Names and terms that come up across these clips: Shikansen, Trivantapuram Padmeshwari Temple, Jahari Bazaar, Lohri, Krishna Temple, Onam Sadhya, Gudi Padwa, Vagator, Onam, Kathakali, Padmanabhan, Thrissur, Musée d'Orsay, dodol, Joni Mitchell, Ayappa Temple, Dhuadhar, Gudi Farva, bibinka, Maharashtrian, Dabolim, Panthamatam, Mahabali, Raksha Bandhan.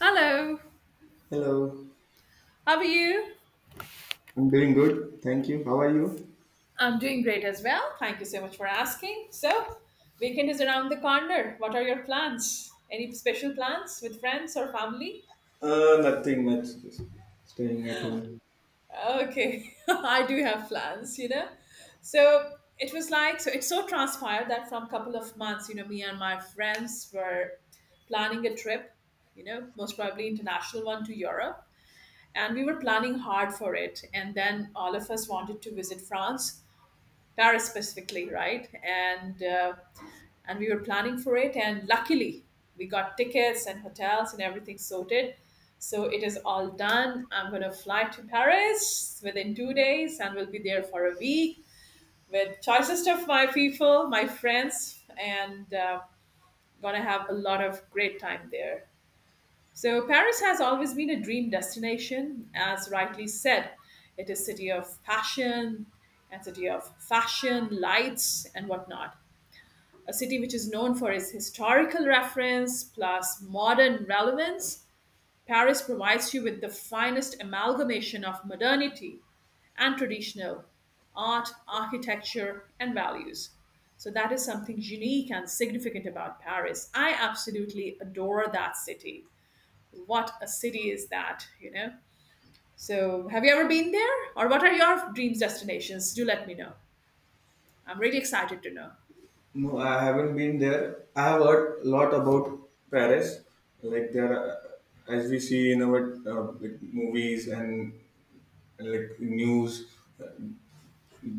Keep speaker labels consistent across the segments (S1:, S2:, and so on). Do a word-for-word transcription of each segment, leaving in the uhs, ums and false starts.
S1: Hello,
S2: Hello.
S1: how are you?
S2: I'm doing good, thank you. How are you?
S1: I'm doing great as well. Thank you so much for asking. So, weekend is around the corner. What are your plans? Any special plans with friends or family?
S2: Uh, nothing much. Just staying at home.
S1: Okay, I do have plans, you know. So, it was like, so it so transpired that from couple of months, you know, me and my friends were planning a trip, you know, most probably international one to Europe. And we were planning hard for it. And then all of us wanted to visit France Paris specifically, right? And uh, and we were planning for it, and luckily we got tickets and hotels and everything sorted. So it is all done. I'm gonna fly to Paris within two days, and will be there for a week with choicest of my people, my friends, and uh, gonna have a lot of great time there. So Paris has always been a dream destination, as rightly said. It is city of passion and city of fashion, lights and whatnot. A city which is known for its historical reference plus modern relevance. Paris provides you with the finest amalgamation of modernity and traditional art, architecture, and values. So that is something unique and significant about Paris. I absolutely adore that city, what a city is that, you know? So, have you ever been there? Or what are your dreams destinations? Do let me know. I'm really excited to know.
S2: No, I haven't been there. I have heard a lot about Paris. Like there are, as we see in our uh, like movies and, and like news,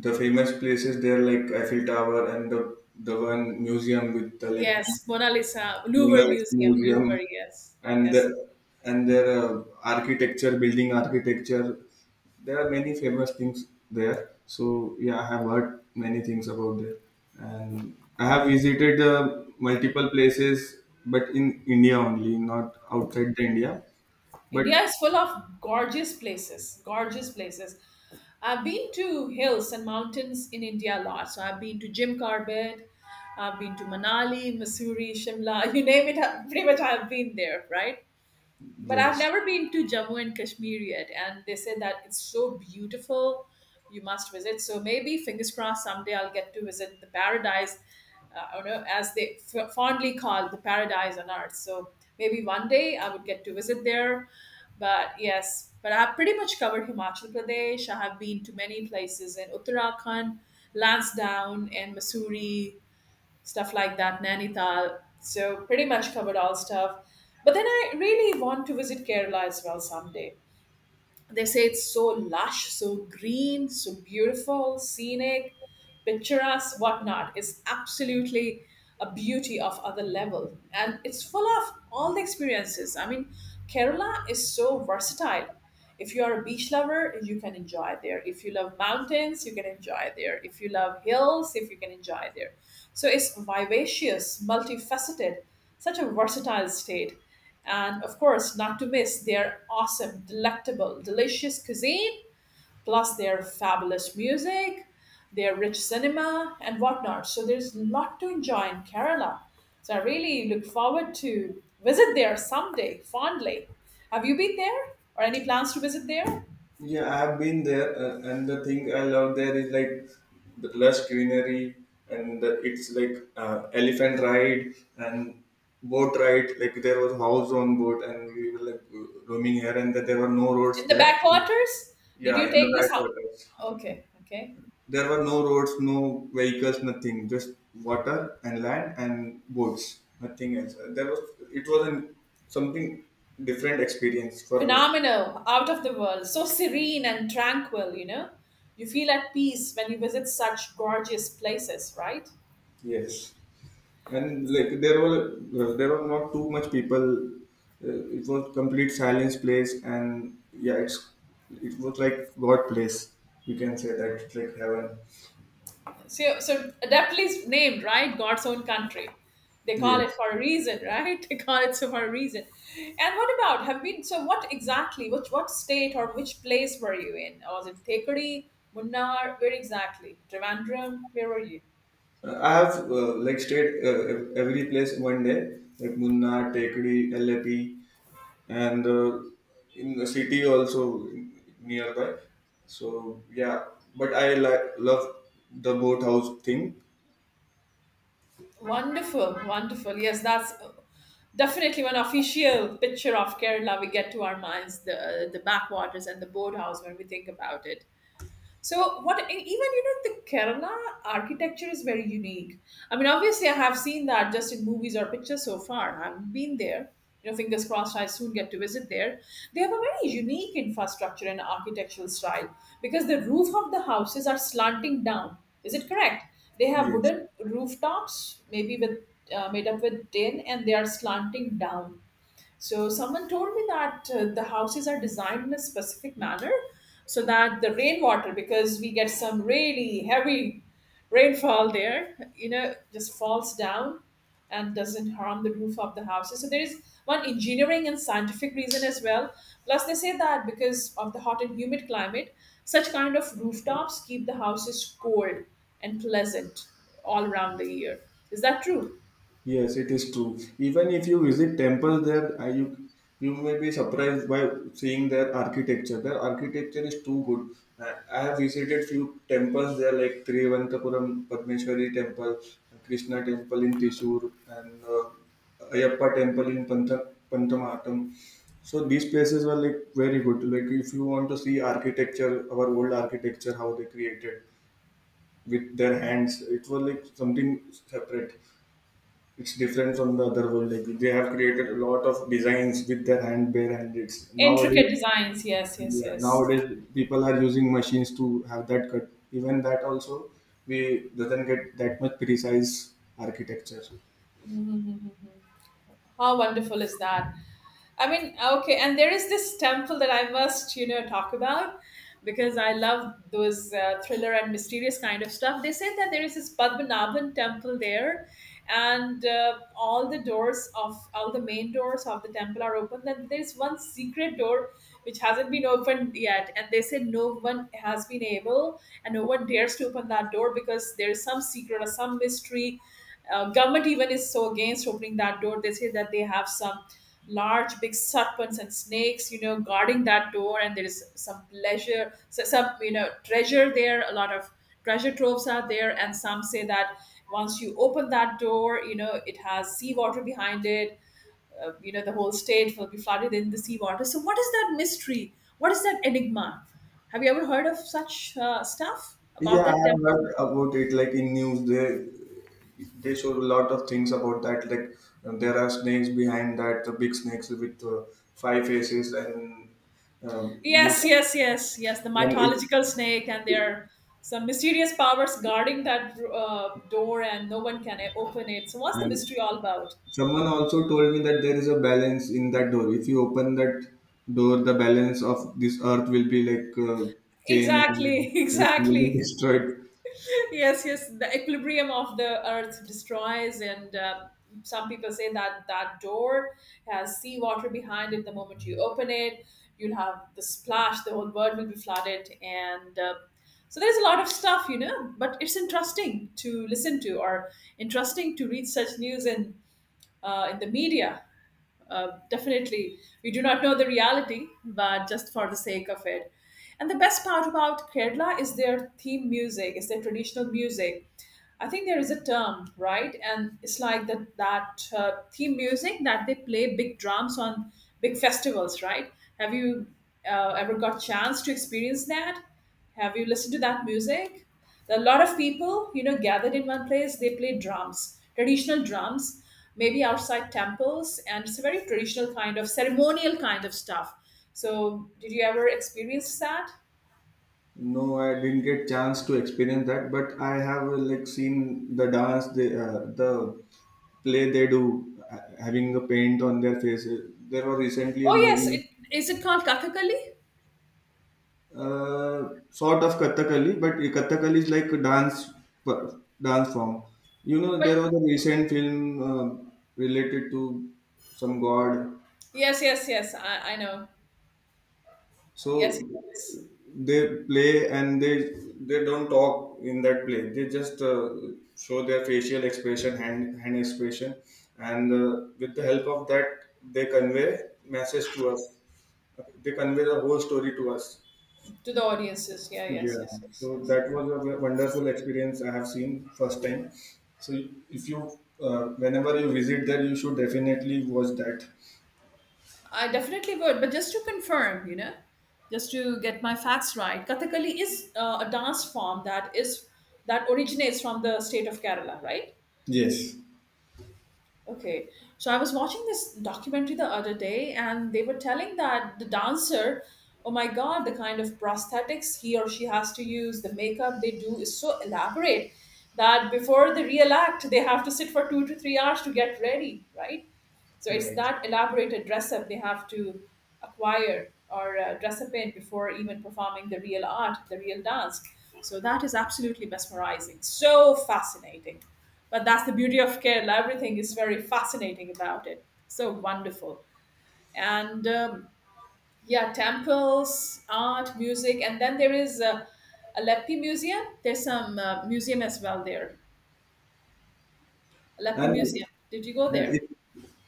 S2: the famous places there like Eiffel Tower and the the one museum with the like
S1: Yes, Mona Lisa, Louvre
S2: Women's
S1: Museum,
S2: Museum
S1: Louvre, yes.
S2: and
S1: Yes, yes.
S2: the, and their uh, architecture, building architecture. There are many famous things there. So yeah, I have heard many things about that, and I have visited uh, multiple places, but in India only, not outside the India. But
S1: India is full of gorgeous places, gorgeous places. I've been to hills and mountains in India a lot. So I've been to Jim Corbett, I've been to Manali, Missouri, Shimla, you name it, I- pretty much I've been there, right? But I've
S2: yes,
S1: never been to Jammu and Kashmir yet, and they say that it's so beautiful, you must visit. So maybe, fingers crossed, someday I'll get to visit the paradise, uh, I don't know, as they f- fondly call the paradise on earth. So maybe one day I would get to visit there. But yes, but I've pretty much covered Himachal Pradesh. I have been to many places in Uttarakhand, Lansdowne, and Missouri stuff like that, Nainital. So pretty much covered all stuff. But then I really want to visit Kerala as well someday. They say it's so lush, so green, so beautiful, scenic, picturesque, whatnot. It's absolutely a beauty of other level. And it's full of all the experiences. I mean, Kerala is so versatile. If you are a beach lover, you can enjoy it there. If you love mountains, you can enjoy it there. If you love hills, if you can enjoy it there. So it's vivacious, multifaceted, such a versatile state. And of course, not to miss, their awesome, delectable, delicious cuisine plus their fabulous music, their rich cinema, and whatnot. So there's a lot to enjoy in Kerala. So I really look forward to visit there someday, fondly. Have you been there, or any plans to visit there in
S2: Yeah, I've been there, uh, and the thing I love there is like the lush greenery, and the, it's like uh, elephant ride and boat ride. Like there was house on boat, and we were like roaming here, and there were no roads
S1: the
S2: there.
S1: backwaters? Did
S2: Yeah,
S1: you
S2: in the
S1: take this house?
S2: backwaters,
S1: Okay, okay.
S2: there were no roads, no vehicles, nothing, just water and land and boats, nothing else. There was it was an, Something different experience for me.
S1: Phenomenal, out of the world, so serene and tranquil. You know, you feel at peace when you visit such gorgeous places, right?
S2: Yes. And like there were uh, there were not too much people. Uh, it was complete silence place, and yeah, it's it was like god place. You can say that it's like heaven.
S1: So, so adeptly is named, right? God's own country. They call it
S2: Yes.
S1: for a reason, right? They call it so for a reason. And what about have been? So, what exactly? Which what state or which place were you in? Was it Thekudi, Munnar? Where exactly? Trivandrum? Where were you?
S2: Uh, I have uh, like stayed, uh, ev- every place one day. Like Munna, Tekdi, Lepi, and uh, in the city also nearby. So yeah, but I like love the boathouse thing.
S1: Wonderful, wonderful. Yes, that's definitely one official picture of Kerala we get to our minds, the the backwaters and the boathouse when we think about it. So what e- even you know the Kerala architecture is very unique. I mean, obviously I have seen that just in movies or pictures so far. I've been there. You know, fingers crossed I soon get to visit there. They have a very unique infrastructure and architectural style because the roof of the houses are slanting down. Is it correct? They have
S2: Yes.
S1: wooden rooftops, maybe with uh, made up with tin, and they are slanting down. So someone told me that uh, the houses are designed in a specific manner so that the rainwater, because we get some really heavy rainfall there, you know, just falls down and doesn't harm the roof of the houses. So there is one engineering and scientific reason as well. Plus, they say that because of the hot and humid climate, such kind of rooftops keep the houses cold and pleasant all around the year. Is that true?
S2: Yes, it is true. Even if you visit temples there, uh, you you may be surprised by seeing their architecture. Their architecture is too good. Uh, I have visited few temples there, like Trivantapuram Padmeshwari Temple, Krishna Temple in Thrissur, and uh, Ayappa Temple in Pantha, Panthamatam. So these places were like very good. Like if you want to see architecture, our old architecture, how they created with their hands, it was like something separate. It's different from the other world. Like they have created a lot of designs with their hand, bare hand. It's
S1: Intricate
S2: nowadays,
S1: designs, yes, yes,
S2: yeah,
S1: yes.
S2: nowadays people are using machines to have that cut. Even that also, we doesn't get that much precise architecture.
S1: Mhm. How wonderful is that? I mean, okay, and there is this temple that I must, you know, talk about because I love those uh, thriller and mysterious kind of stuff. They said that there is this Padmanabhan temple there, and uh, all the doors of all the main doors of the temple are open. Then there is one secret door which hasn't been opened yet, and they said no one has been able and no one dares to open that door because there is some secret or some mystery uh, Government even is so against opening that door. They say that they have some large big serpents and snakes you know guarding that door, and there is some pleasure, so some you know treasure there, a lot of treasure troves are there. And some say that once you open that door, you know it has seawater behind it. Uh, you know the whole state will be flooded in the seawater. So what is that mystery, what is that enigma? Have you ever heard of such uh, stuff
S2: Yeah,
S1: about
S2: I
S1: that
S2: have
S1: temple?
S2: heard about it. Like in news, they they show a lot of things about that. Like uh, there are snakes behind that, the big snakes with uh, five faces and um,
S1: Yes,
S2: you-
S1: yes, yes, yes. The
S2: and,
S1: mythological snake, and there
S2: it,
S1: are some mysterious powers guarding that uh, door, and no one can open it. So, what's the
S2: and
S1: mystery all about?
S2: Someone also told me that there is a balance in that door. If you open that door, the balance of this earth will be like uh, changed, and
S1: Exactly,
S2: everything will
S1: exactly.
S2: be destroyed.
S1: Yes, yes, the equilibrium of the earth destroys, and uh, some people say that that door has seawater behind it. The moment you open it, you'll have the splash, the whole world will be flooded, and uh, so there's a lot of stuff, you know but it's interesting to listen to or interesting to read such news in uh, in the media. Uh, definitely we do not know the reality, but just for the sake of it. And the best part about Kerala is their theme music, is their traditional music. I think there is a term, right? And it's like that that uh, theme music that they play big drums on big festivals, right? Have you uh, ever got chance to experience that? Have you listened to that music? A lot of people, you know, gathered in one place. They play drums, traditional drums, maybe outside temples, and it's a very traditional kind of ceremonial kind of stuff. So, did you ever experience that?
S2: No, I didn't get chance to experience that, but I have uh, like seen the dance. They, uh, the play they do, uh, having a paint on their faces. There was recently a
S1: Oh yes,
S2: movie,
S1: it, is it called Kathakali?
S2: uh, sort of Kathakali. But Kathakali is like a dance per- dance form. You know,
S1: But
S2: there was a recent film uh, related to some god.
S1: yes, yes, yes. I, I know. Yes,
S2: So
S1: yes.
S2: they play, and they they don't talk in that play. They just uh, show their facial expression, hand hand expression, and uh, with the help of that, they convey message to us. They convey the whole story to us.
S1: To the audiences. Yeah, yes,
S2: Yeah,
S1: yes, yes,
S2: so
S1: yes,
S2: that
S1: yeah.
S2: was a w- wonderful experience I have seen first time. So, if you, uh, whenever you visit there, you should definitely watch that.
S1: I definitely would. But just to confirm, you know, just to get my facts right, Kathakali is uh, a dance form that is that originates from the state of Kerala, right?
S2: Yes.
S1: Okay, so I was watching this documentary the other day, and they were telling that the dancer, oh my god, the kind of prosthetics he or she has to use, the makeup they do is so elaborate that before the real act, they have to sit for two to three hours to get ready, right? So it's
S2: Right.
S1: that elaborated dress up they have to acquire or uh, dress up in before even performing the real art, the real dance. So that is absolutely mesmerizing, so fascinating. But that's the beauty of Kerala. Everything is very fascinating about it. So wonderful. And um, yeah, temples, art, music, and then there is uh, a Leppi Museum. There's some uh, museum as well there. Leppi
S2: And,
S1: Museum. Did you go
S2: and it,
S1: there?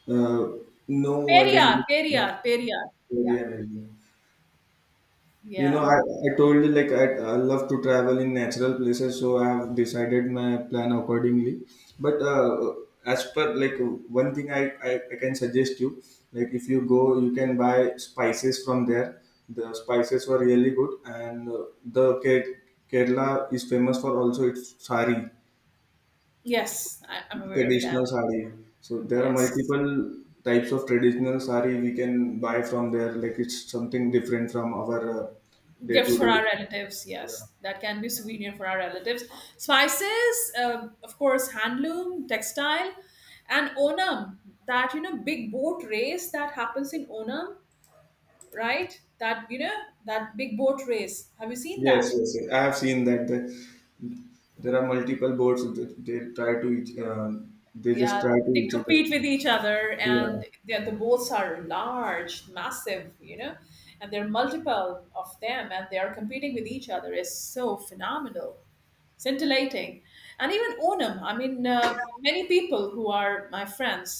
S2: uh, no, I
S1: Periyar,
S2: didn't.
S1: Periyar, Periyar. Yeah,
S2: Very amazing. You know,
S1: yeah.
S2: I, I told you, like I, I love to travel in natural places, so I have decided my plan accordingly. But uh, as per like one thing I, I, I can suggest you, like if you go, you can buy spices from there. The spices were really good, and uh, the Ke- Kerala is famous for also its sari,
S1: Yes, I, I'm aware of
S2: traditional
S1: that.
S2: sari. So there are
S1: Yes.
S2: multiple types of traditional sari we can buy from there. Like it's something different from our uh, day
S1: Gifts
S2: to
S1: for
S2: day.
S1: our relatives. Yes. That can be souvenir for our relatives. Spices, um, of course, handloom, textile, and Onam. That, you know, big boat race that happens in Onam, right? That, you know, that big boat race. Have you seen
S2: Yes,
S1: that?
S2: yes, yes. I have seen that the, there are multiple boards that They try to each. Um, they
S1: Yeah.
S2: just try to
S1: They
S2: each other.
S1: compete with each other and
S2: Yeah,
S1: the the boats are large, massive, you know, and there are multiple of them and they are competing with each other. Is so phenomenal. Scintillating. And even Onam, I mean, uh, many people who are my friends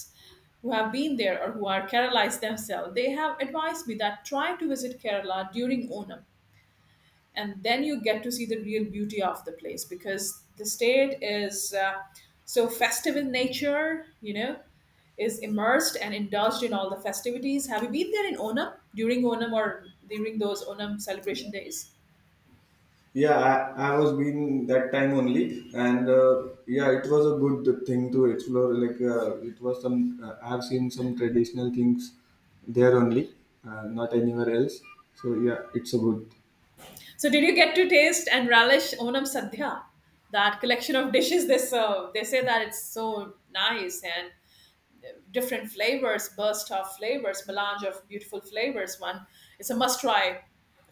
S1: who have been there or who are Keralites themselves, they have advised me that try to visit Kerala during Onam, and then you get to see the real beauty of the place because the state is uh, so festive in nature, you know, is immersed and indulged in all the festivities. Have you been there in Onam, during Onam, or during those Onam celebration days?
S2: yeah. I, I was been that time only, and uh, yeah, it was a good thing to explore. Like uh, it was some. Uh, I have seen some traditional things there only, uh, not anywhere else. So yeah, it's a good.
S1: So, did you get to taste and relish Onam Sadhya, that collection of dishes they serve? They say that it's so nice and different flavors, burst of flavors, melange of beautiful flavors. One, it's a must try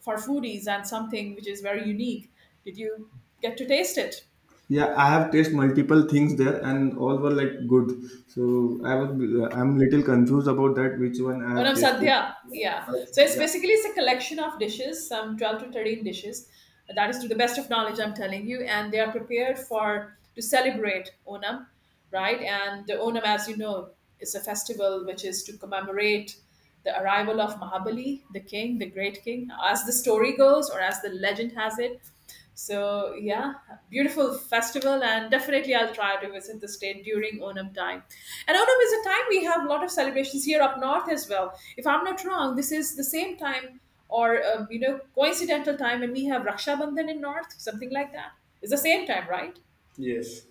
S1: for foodies and something which is very unique. Did you get to taste it?
S2: Yeah, I have tasted multiple things there, and all were like good. So I was, I'm little confused about that which one I
S1: Oh no,
S2: have tasted.
S1: sadhya. Yeah.
S2: But,
S1: So it's
S2: Yeah,
S1: basically it's a collection of dishes, some twelve to thirteen dishes. That is to the best of knowledge, I'm telling you, and they are prepared for to celebrate Onam, right? And the Onam, as you know, is a festival which is to commemorate the arrival of Mahabali, the king, the great king, as the story goes or as the legend has it. So yeah, beautiful festival, and definitely I'll try to visit the state during Onam time. And Onam is a time we have a lot of celebrations here up north as well. If I'm not wrong, this is the same time or um, you know, coincidental time when we have Raksha Bandhan in north, something like that. It's the same time, right?
S2: yes.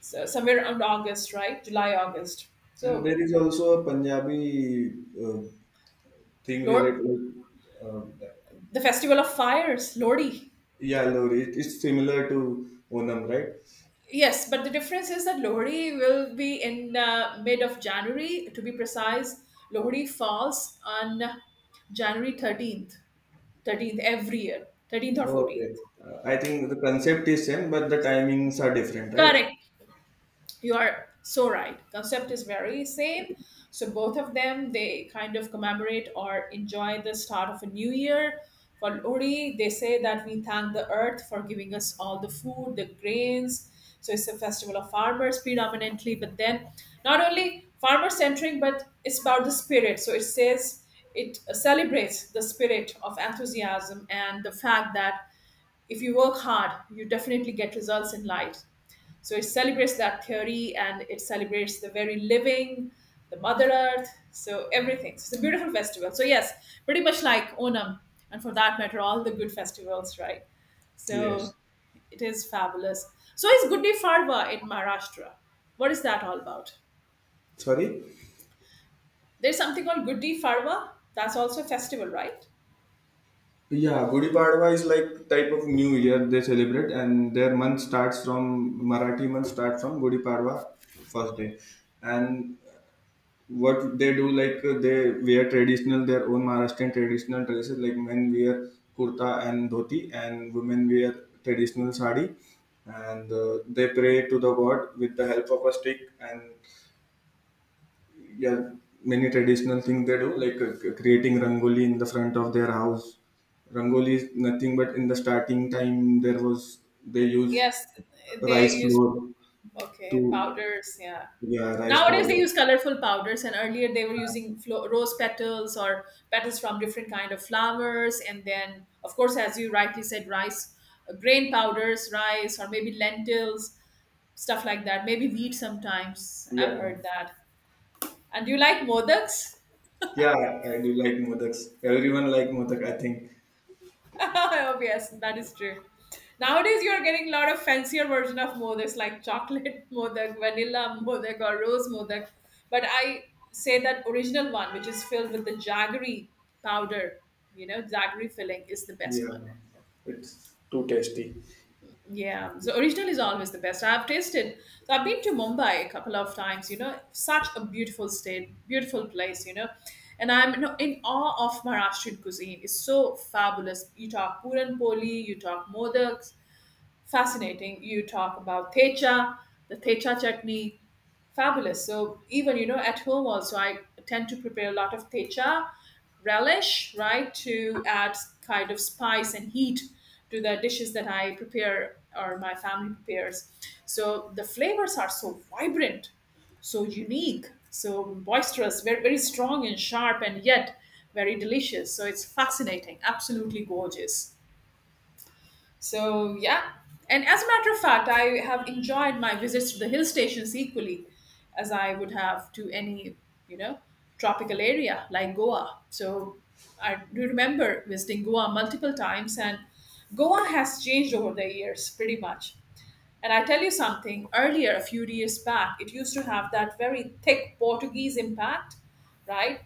S1: So somewhere around August, right? July, August.
S2: And
S1: So
S2: there is also a Punjabi uh, thing
S1: Lord,
S2: related, like, uh,
S1: the festival of fires, Lordy.
S2: yeah, Lohri. It- It's similar to Onam, right?
S1: Yes, but the difference is that Lohri will be in uh, mid of January, to be precise. Lohri falls on January thirteenth, thirteenth every year, thirteenth or
S2: Okay.
S1: fourteenth.
S2: Uh, I think the concept is same, but the timings are different, right?
S1: Correct. You are so right. Concept is very same. So both of them they kind of commemorate or enjoy the start of a new year. For Uri, they say that we thank the earth for giving us all the food, the grains. So it's a festival of farmers predominantly, but then not only farmer centric, but it's about the spirit. So it says it celebrates the spirit of enthusiasm and the fact that if you work hard, you definitely get results in life. So it celebrates that theory and it celebrates the very living, the Mother Earth, so everything. So it's a beautiful festival. So, yes, pretty much like Onam, and for that matter, all the good festivals, right?
S2: Yes.
S1: So it is fabulous. So, is Gudi Farva in Maharashtra? What is that all about?
S2: Sorry.
S1: There's something called Gudi Farva. That's also a festival, right?
S2: Yeah, Gudi Padwa is like type of new year they celebrate, and their month starts from Marathi month starts from Gudi Padwa first day. And what they do like uh, they wear traditional their own Maharashtrian traditional dresses, like men wear kurta and dhoti and women wear traditional sari. And uh, they pray to the god with the help of a stick, and yeah, many traditional things they do, like uh, c- creating rangoli in the front of their house. Rangoli is nothing but in the starting time there was they use
S1: Yes, they
S2: rice
S1: use
S2: flour
S1: okay
S2: to,
S1: powders. Yeah,
S2: yeah, rice
S1: nowadays they
S2: powder.
S1: use colorful powders, and earlier they were using flo- rose petals or petals from different kind of flowers, and then of course, as you rightly said, rice, uh, grain powders, rice, or maybe lentils, stuff like that. Maybe wheat sometimes. I've
S2: Yeah.
S1: heard that. And do you like modaks?
S2: Yeah, I do like modaks. Everyone like modak, I think.
S1: Oh yes, that is true. Nowadays, you are getting a lot of fancier version of modaks like chocolate modak, vanilla modak, or rose modak. But I say that original one, which is filled with the jaggery powder, you know, jaggery filling, is the best
S2: Yeah,
S1: one.
S2: it's too tasty.
S1: Yeah, so original is always the best. I've tasted. So I've been to Mumbai a couple of times. You know, such a beautiful state, beautiful place. You know, and I'm, you know, in awe of Maharashtrian cuisine. It's so fabulous. You talk puran poli, you talk modaks, fascinating. You talk about techa, the techa chutney, fabulous. So even, you know, at home also, I tend to prepare a lot of techa relish, right, to add kind of spice and heat to the dishes that I prepare or my family prepares. So the flavors are so vibrant, so unique, so boisterous, very very strong and sharp, and yet very delicious. So it's fascinating, absolutely gorgeous. So yeah, and as a matter of fact, I have enjoyed my visits to the hill stations equally as I would have to any, you know, tropical area like Goa. So I do remember visiting Goa multiple times, and Goa has changed over the years pretty much. And I tell you something, earlier a few years back, it used to have that very thick Portuguese impact, right?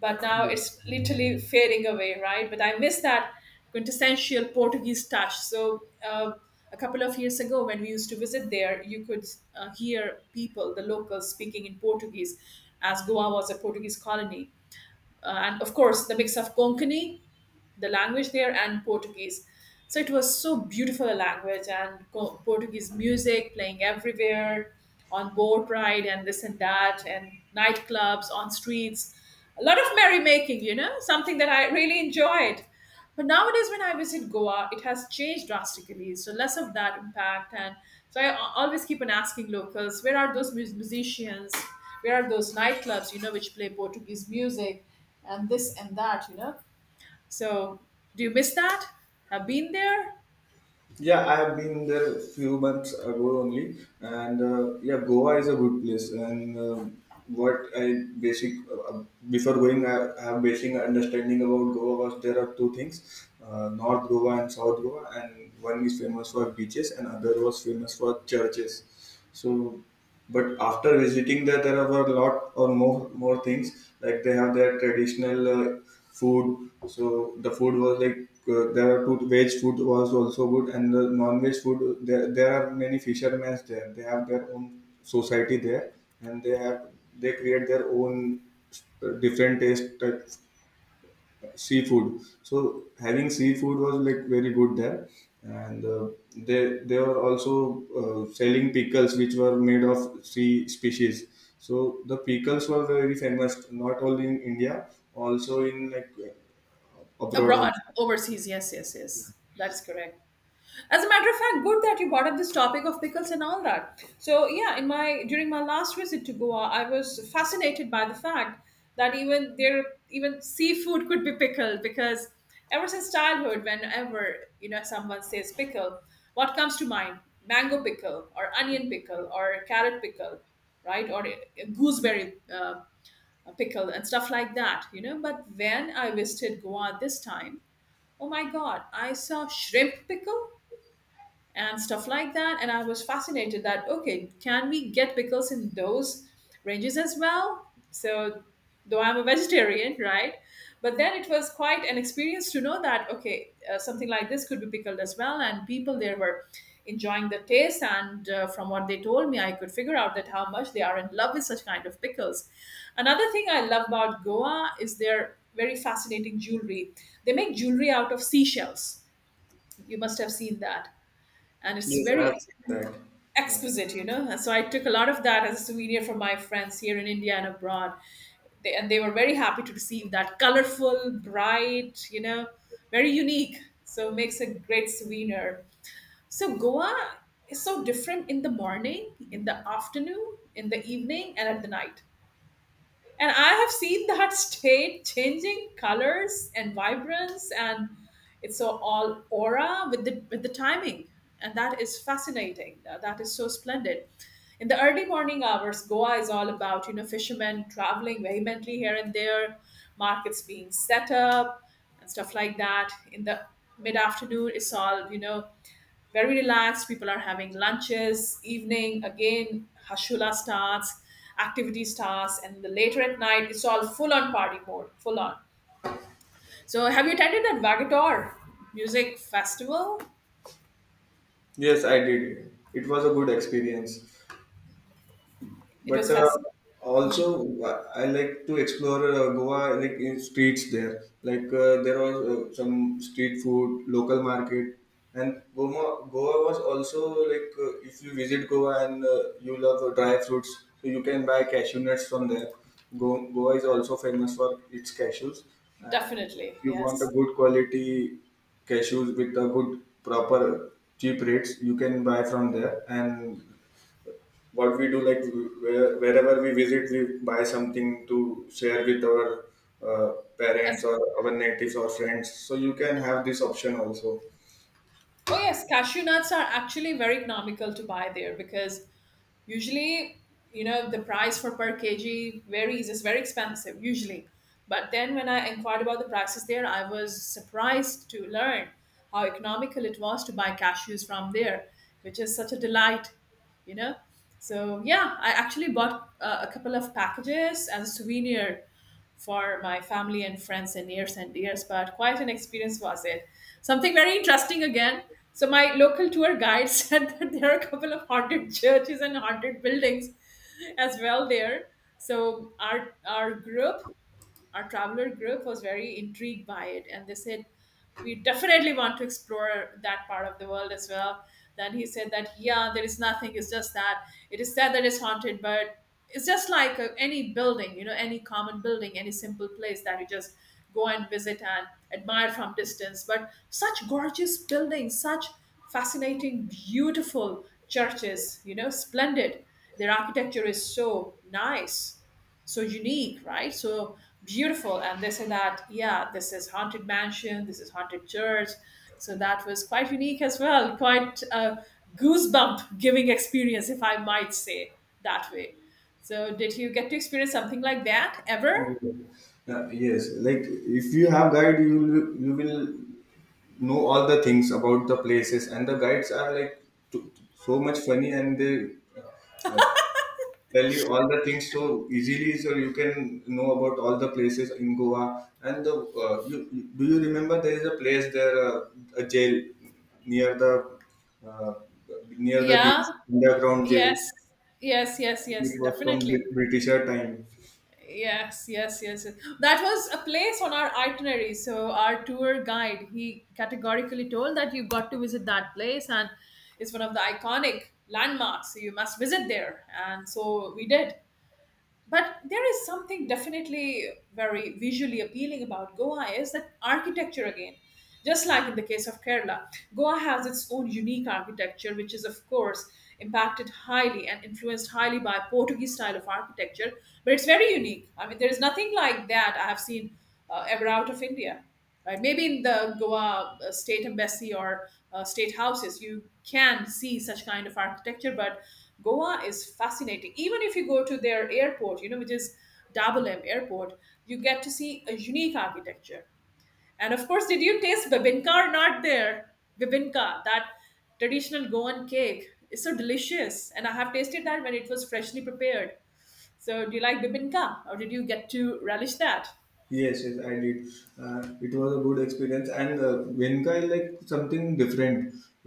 S1: But now it's literally fading away, right? But I miss that quintessential Portuguese touch. So uh, a couple of years ago, when we used to visit there, you could uh, hear people, the locals, speaking in Portuguese, as Goa was a Portuguese colony. Uh, and of course, the mix of Konkani, the language there, and Portuguese. So it was so beautiful a language and co- Portuguese music playing everywhere on boat ride and this and that and nightclubs on streets. A lot of merrymaking, you know, something that I really enjoyed. But nowadays, when I visit Goa, it has changed drastically. So less of that impact, and so I al- always keep on asking locals, where are those mus- musicians? Where are those nightclubs? You know, which play Portuguese music, and this and that. You know, so, do you miss that? Have been there?
S2: Yeah, I have been there few months ago only, and uh, yeah, Goa is a good place. And uh, what I basic uh, Before going, I have basic understanding about Goa was there are two things: uh, North Goa and South Goa, and one is famous for beaches, and other was famous for churches. So, but after visiting there, there are a lot or more more things, like they have their traditional uh, food. So the food was like uh, there are two veg food was also good, and the non-veg food. There there are many fishermen there. They have their own society there, and they have they create their own uh, different taste type seafood. So having seafood was like very good there, and uh, they they were also uh, selling pickles which were made of sea species. So the pickles were very famous, not only in India, also in like abroad.
S1: Abroad,
S2: Also.
S1: overseas. Yes, yes, yes. That's correct. As a matter of fact, good that you brought up this topic of pickles and all that. So yeah, in my during my last visit to Goa, I was fascinated by the fact that even there even seafood could be pickled because ever since childhood, whenever you know someone says pickle, what comes to mind? Mango pickle or onion pickle or carrot pickle, right? Or a- a gooseberry uh, uh, pickle and stuff like that, you know. But when I visited Goa this time, oh my god, I saw shrimp pickle, and stuff like that. And I was fascinated that, okay, can we get pickles in those ranges as well? So, though I'm a vegetarian, right? But then it was quite an experience to know that, okay, uh, something like this could be pickled as well. And people there were enjoying the taste. And uh, from what they told me, I could figure out that how much they are in love with such kind of pickles. Another thing I love about Goa is their very fascinating jewelry. They make jewelry out of seashells. You must have seen that, and it's
S2: Yes, I have
S1: very
S2: seen that. Yeah.
S1: exquisite, you know. So I took a lot of that as a souvenir for my friends here in India and abroad. They, and they were very happy to receive that colorful, bright, you know, very unique. So makes a great souvenir. So Goa is so different in the morning, in the afternoon, in the evening, and at the night. And I have seen that state changing colors and vibrance, and it's so all aura with the with the timing, and that is fascinating. Uh, That is so splendid. In the early morning hours, Goa is all about, you know, fishermen traveling vehemently here and there, markets being set up, and stuff like that. In the mid afternoon, it's all, you know, very relaxed. People are having lunches, evening, again, Hashula starts, activity starts, and the later at night, it's all full on party mode, full on. So, have you attended that Vagator music festival?
S2: Yes, I did. It was a good experience.
S1: It
S2: But
S1: was
S2: uh,
S1: fast,
S2: also, uh, I like to explore uh, Goa like in streets there. Like uh, there was uh, some street food, local market, and Goa. Goa was also like uh, if you visit Goa, and uh, you love uh, dry fruits, so you can buy cashew nuts from there. Go- Goa is also famous for its cashews. And
S1: definitely,
S2: if you want a
S1: yes.
S2: good quality cashews with a good proper cheap rates, you can buy from there. And what we do, like where- wherever we visit, we buy something to share with our uh,
S1: As-
S2: parents or our natives or friends, so you can have this option also.
S1: oh, yes, cashew nuts are actually very economical to buy there because usually, you know, the price for per kg varies, it's very expensive usually, but then when I inquired about the prices there, I was surprised to learn how economical it was to buy cashews from there, which is such a delight, you know. So yeah, I actually bought uh, a couple of packages as a souvenir for my family and friends and years and years, but quite an experience was it, something very interesting again. So my local tour guide said that there are a couple of haunted churches and haunted buildings as well there. So our our group, our traveler group was very intrigued by it and they said, we definitely want to explore that part of the world as well. Then he said that yeah, there is nothing, it's just that it is said that it's haunted, but it's just like uh, any building, you know, any common building, any simple place that you just go and visit and admire from distance. But such gorgeous buildings, such fascinating beautiful churches, you know, splendid, their architecture is so nice, so unique, right? So beautiful. And they say that, yeah, this is haunted mansion, this is haunted church. So that was quite unique as well, quite a goosebump giving experience, if I might say that way. So did you get to experience something like that ever?
S2: Uh, yes, like if you have guide, you will you will know all the things about the places, and the guides are like t- so much funny, and they uh, tell you all the things so easily, so you can know about all the places in Goa. And the uh, you you- Do you remember there is a place there, uh, a jail, near the uh, near the beach,
S1: Yeah.
S2: underground jail?
S1: Yes. Yes. Yes. Yes.
S2: It was from
S1: Definitely.
S2: Brit- britisher time.
S1: Yes, yes, yes, yes. That was a place on our itinerary. So our tour guide, he categorically told that you got to visit that place, and it's one of the iconic landmarks. So you must visit there. And so we did, but there is something definitely very visually appealing about Goa is that architecture again. Just like in the case of Kerala, Goa has its own unique architecture which is of course impacted highly and influenced highly by Portuguese style of architecture, but it's very unique, I mean there is nothing like that I have seen uh, ever out of India, right? Maybe in the Goa uh, state embassy or uh, state houses, you can see such kind of architecture. But Goa is fascinating. Even if you go to their airport, you know, which is Dabolim Airport, you get to see a unique architecture. And of course, did you taste bibinka or not there? Bibinka, that traditional Goan cake, is so delicious. And I have tasted that when it was freshly prepared. So, do you like bibinka or did you get to relish that?
S2: Yes, yes, I did. uh, it was a good experience. And uh, venka is like something different.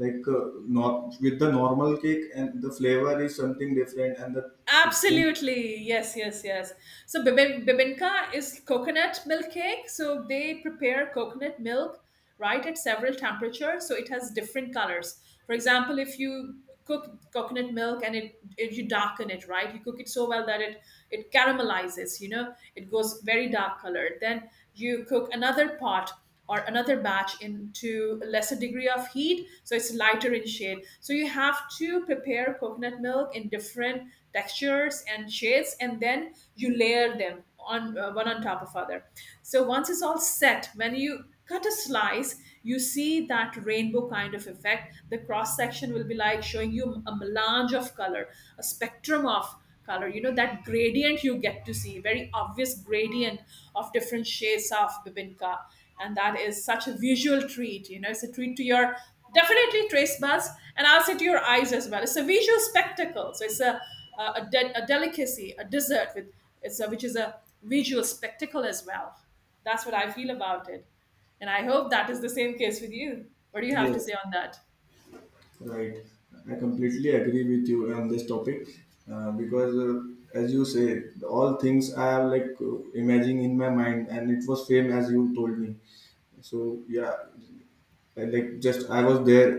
S2: Like, uh, nor with the normal cake, and the flavor is something different, and the.
S1: Absolutely. Yes, yes, yes. So bibi- bibinka is coconut milk cake. So they prepare coconut milk right at several temperatures. So it has different colors. For example, if you cook coconut milk and it, it you darken it, right? You cook it so well that it it caramelizes, you know, it goes very dark colored. Then you cook another pot or another batch into a lesser degree of heat, so it's lighter in shade. So you have to prepare coconut milk in different textures and shades, and then you layer them on uh, one on top of other. So once it's all set, when you cut a slice, you see that rainbow kind of effect. The cross section will be like showing you a melange of color, a spectrum of color, you know, that gradient. You get to see very obvious gradient of different shades of bibinka. And that is such a visual treat, you know. It's a treat to your definitely trace buds, and I'll say to your eyes as well. It's a visual spectacle. So it's a a, a de- a delicacy, a dessert with it's a, which is a visual spectacle as well. That's what I feel about it, and I hope that is the same case with you. What do you have to
S2: Yes.
S1: say on that?
S2: Right. I completely agree with you on this topic. Uh, because, uh, as you say, all things I have like uh, imagining in my mind, and it was same as you told me. So yeah, I, like just I was there.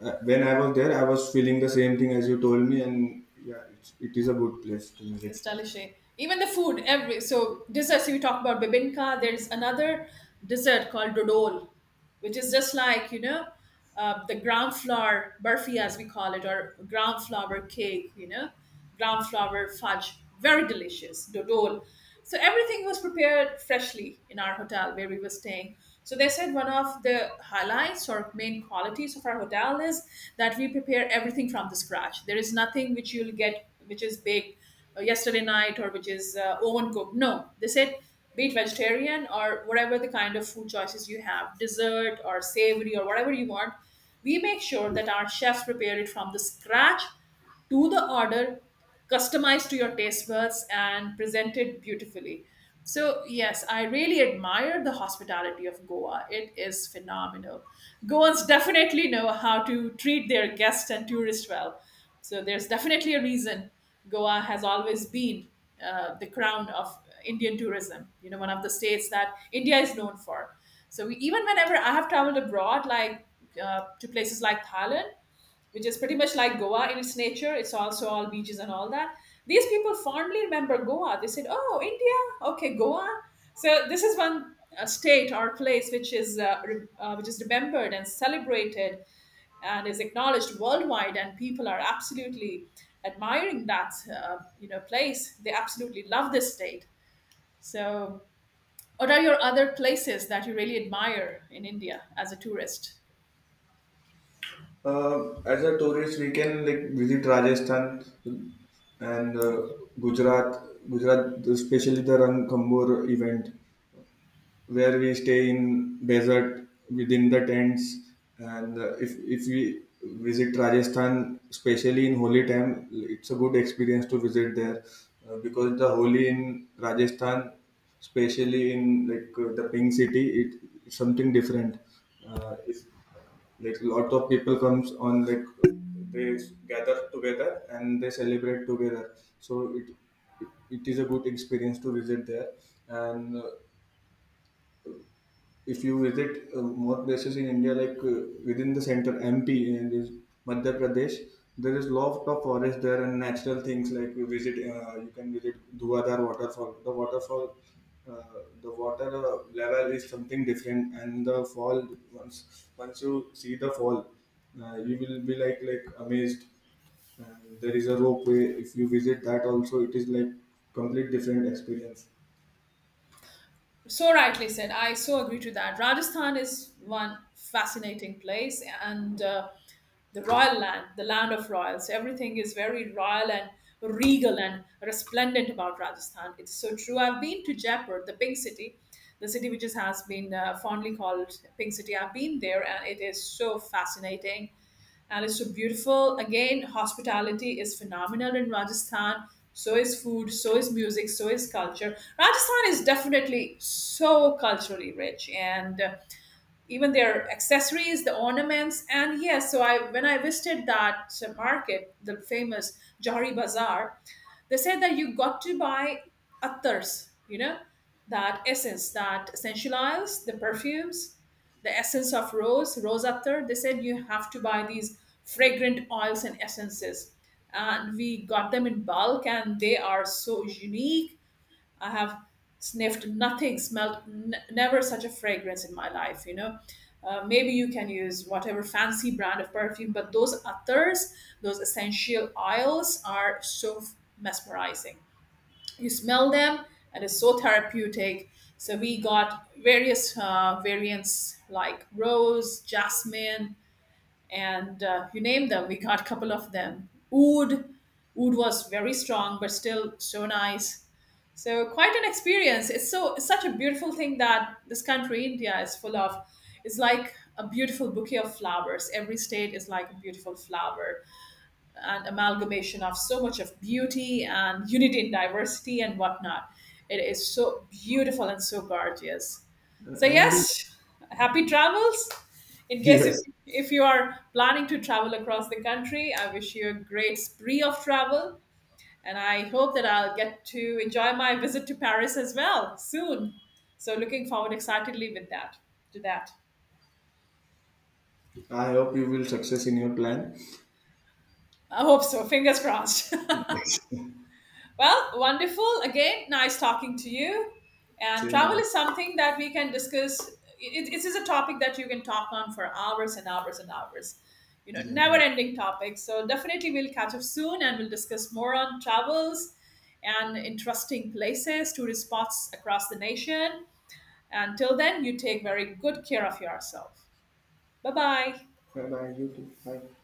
S2: Uh, when I was there, I was feeling the same thing as you told me. And yeah, it's, it is a good place to visit.
S1: It's delicious. Even the food, every so desserts you talk about bibinka. There's another dessert called dodol, which is just like, you know, uh, the ground flour burfi as we call it, or ground flour cake, you know, ground flour fudge. Very delicious dodol. So everything was prepared freshly in our hotel where we were staying. So they said one of the highlights or main qualities of our hotel is that we prepare everything from the scratch. There is nothing which you'll get which is baked uh, yesterday night or which is uh, oven cooked. No, they said, be it vegetarian or whatever the kind of food choices you have, dessert or savory or whatever you want, we make sure that our chefs prepare it from the scratch, to the order, customized to your taste buds, and presented beautifully. So, yes, I really admire the hospitality of Goa. It is phenomenal. Goans definitely know how to treat their guests and tourists well. So, there's definitely a reason Goa has always been uh, the crown of Indian tourism, you know, one of the states that India is known for. So, we, even whenever I have traveled abroad, like uh, to places like Thailand, which is pretty much like Goa in its nature. It's also all beaches and all that. These people fondly remember Goa. They said, "Oh, India, okay, Goa." So this is one uh, state or place which is uh, re- uh, which is remembered and celebrated and is acknowledged worldwide, and people are absolutely admiring that uh, you know place. They absolutely love this state. So, what are your other places that you really admire in India as a tourist?
S2: Uh, as a tourist, we can like visit Rajasthan and uh, Gujarat. Gujarat, especially the Ranthambore event, where we stay in desert within the tents. And uh, if if we visit Rajasthan, especially in holy time, it's a good experience to visit there. Uh, because the holy in Rajasthan, especially in like uh, the pink city, it, it's something different. Uh, if like lot of people comes on, like they gather together and they celebrate together, so it it, it is a good experience to visit there. And uh, if you visit uh, more places in India, like uh, within the center, M P, and is Madhya Pradesh, there is lot of forest there and natural things like you visit. Uh, you can visit Dhuadhar waterfall. The waterfall, uh, the water uh, level is something different, and the fall, once once you see the fall, uh, you will be like like amazed. And there is a ropeway. If you visit that also, it is like complete different experience.
S1: So rightly said. I so agree to that. Rajasthan is one fascinating place, and uh, the royal land, the land of royals. Everything is very royal and regal and resplendent about Rajasthan. It's so true. I've been to Jaipur, the pink city, the city which is, has been uh, fondly called pink city. I've been there, and it is so fascinating and it's so beautiful. Again, hospitality is phenomenal in Rajasthan. So is food, so is music, so is culture. Rajasthan is definitely so culturally rich, and uh, even their accessories, the ornaments, and yes. So I when I visited that uh, market, the famous Jahari Bazaar, they said that you got to buy attars, you know, that essence, that essential oils, the perfumes, the essence of rose, rose attar. They said you have to buy these fragrant oils and essences. And we got them in bulk, and they are so unique. I have sniffed nothing, smelled n- never such a fragrance in my life, you know. Uh, maybe you can use whatever fancy brand of perfume, but those others, those essential oils, are so f- mesmerizing. You smell them, and it's so therapeutic. So we got various uh, variants like rose, jasmine, and uh, you name them. We got a couple of them. Oud, oud was very strong, but still so nice. So quite an experience. It's so it's such a beautiful thing that this country, India, is full of. It's like a beautiful bouquet of flowers. Every state is like a beautiful flower, an amalgamation of so much of beauty and unity in diversity and whatnot. It is so beautiful and so gorgeous.
S2: Uh,
S1: So
S2: and
S1: yes, happy travels. In case if,
S2: yes,
S1: if you are planning to travel across the country, I wish you a great spree of travel, and I hope that I'll get to enjoy my visit to Paris as well soon. So looking forward excitedly with that to that.
S2: I hope you will success in your plan.
S1: I hope so. Fingers crossed.
S2: Yes.
S1: Well, wonderful. Again, nice talking to you. And travel
S2: Same
S1: is something that we can discuss. It, it is a topic that you can talk on for hours and hours and hours. You know,
S2: here. Yeah.
S1: never-ending topics. So definitely, we'll catch up soon and we'll discuss more on travels and interesting places, tourist spots across the nation. Until then, you take very good care of yourself. Bye bye.
S2: Bye bye. You too. Bye.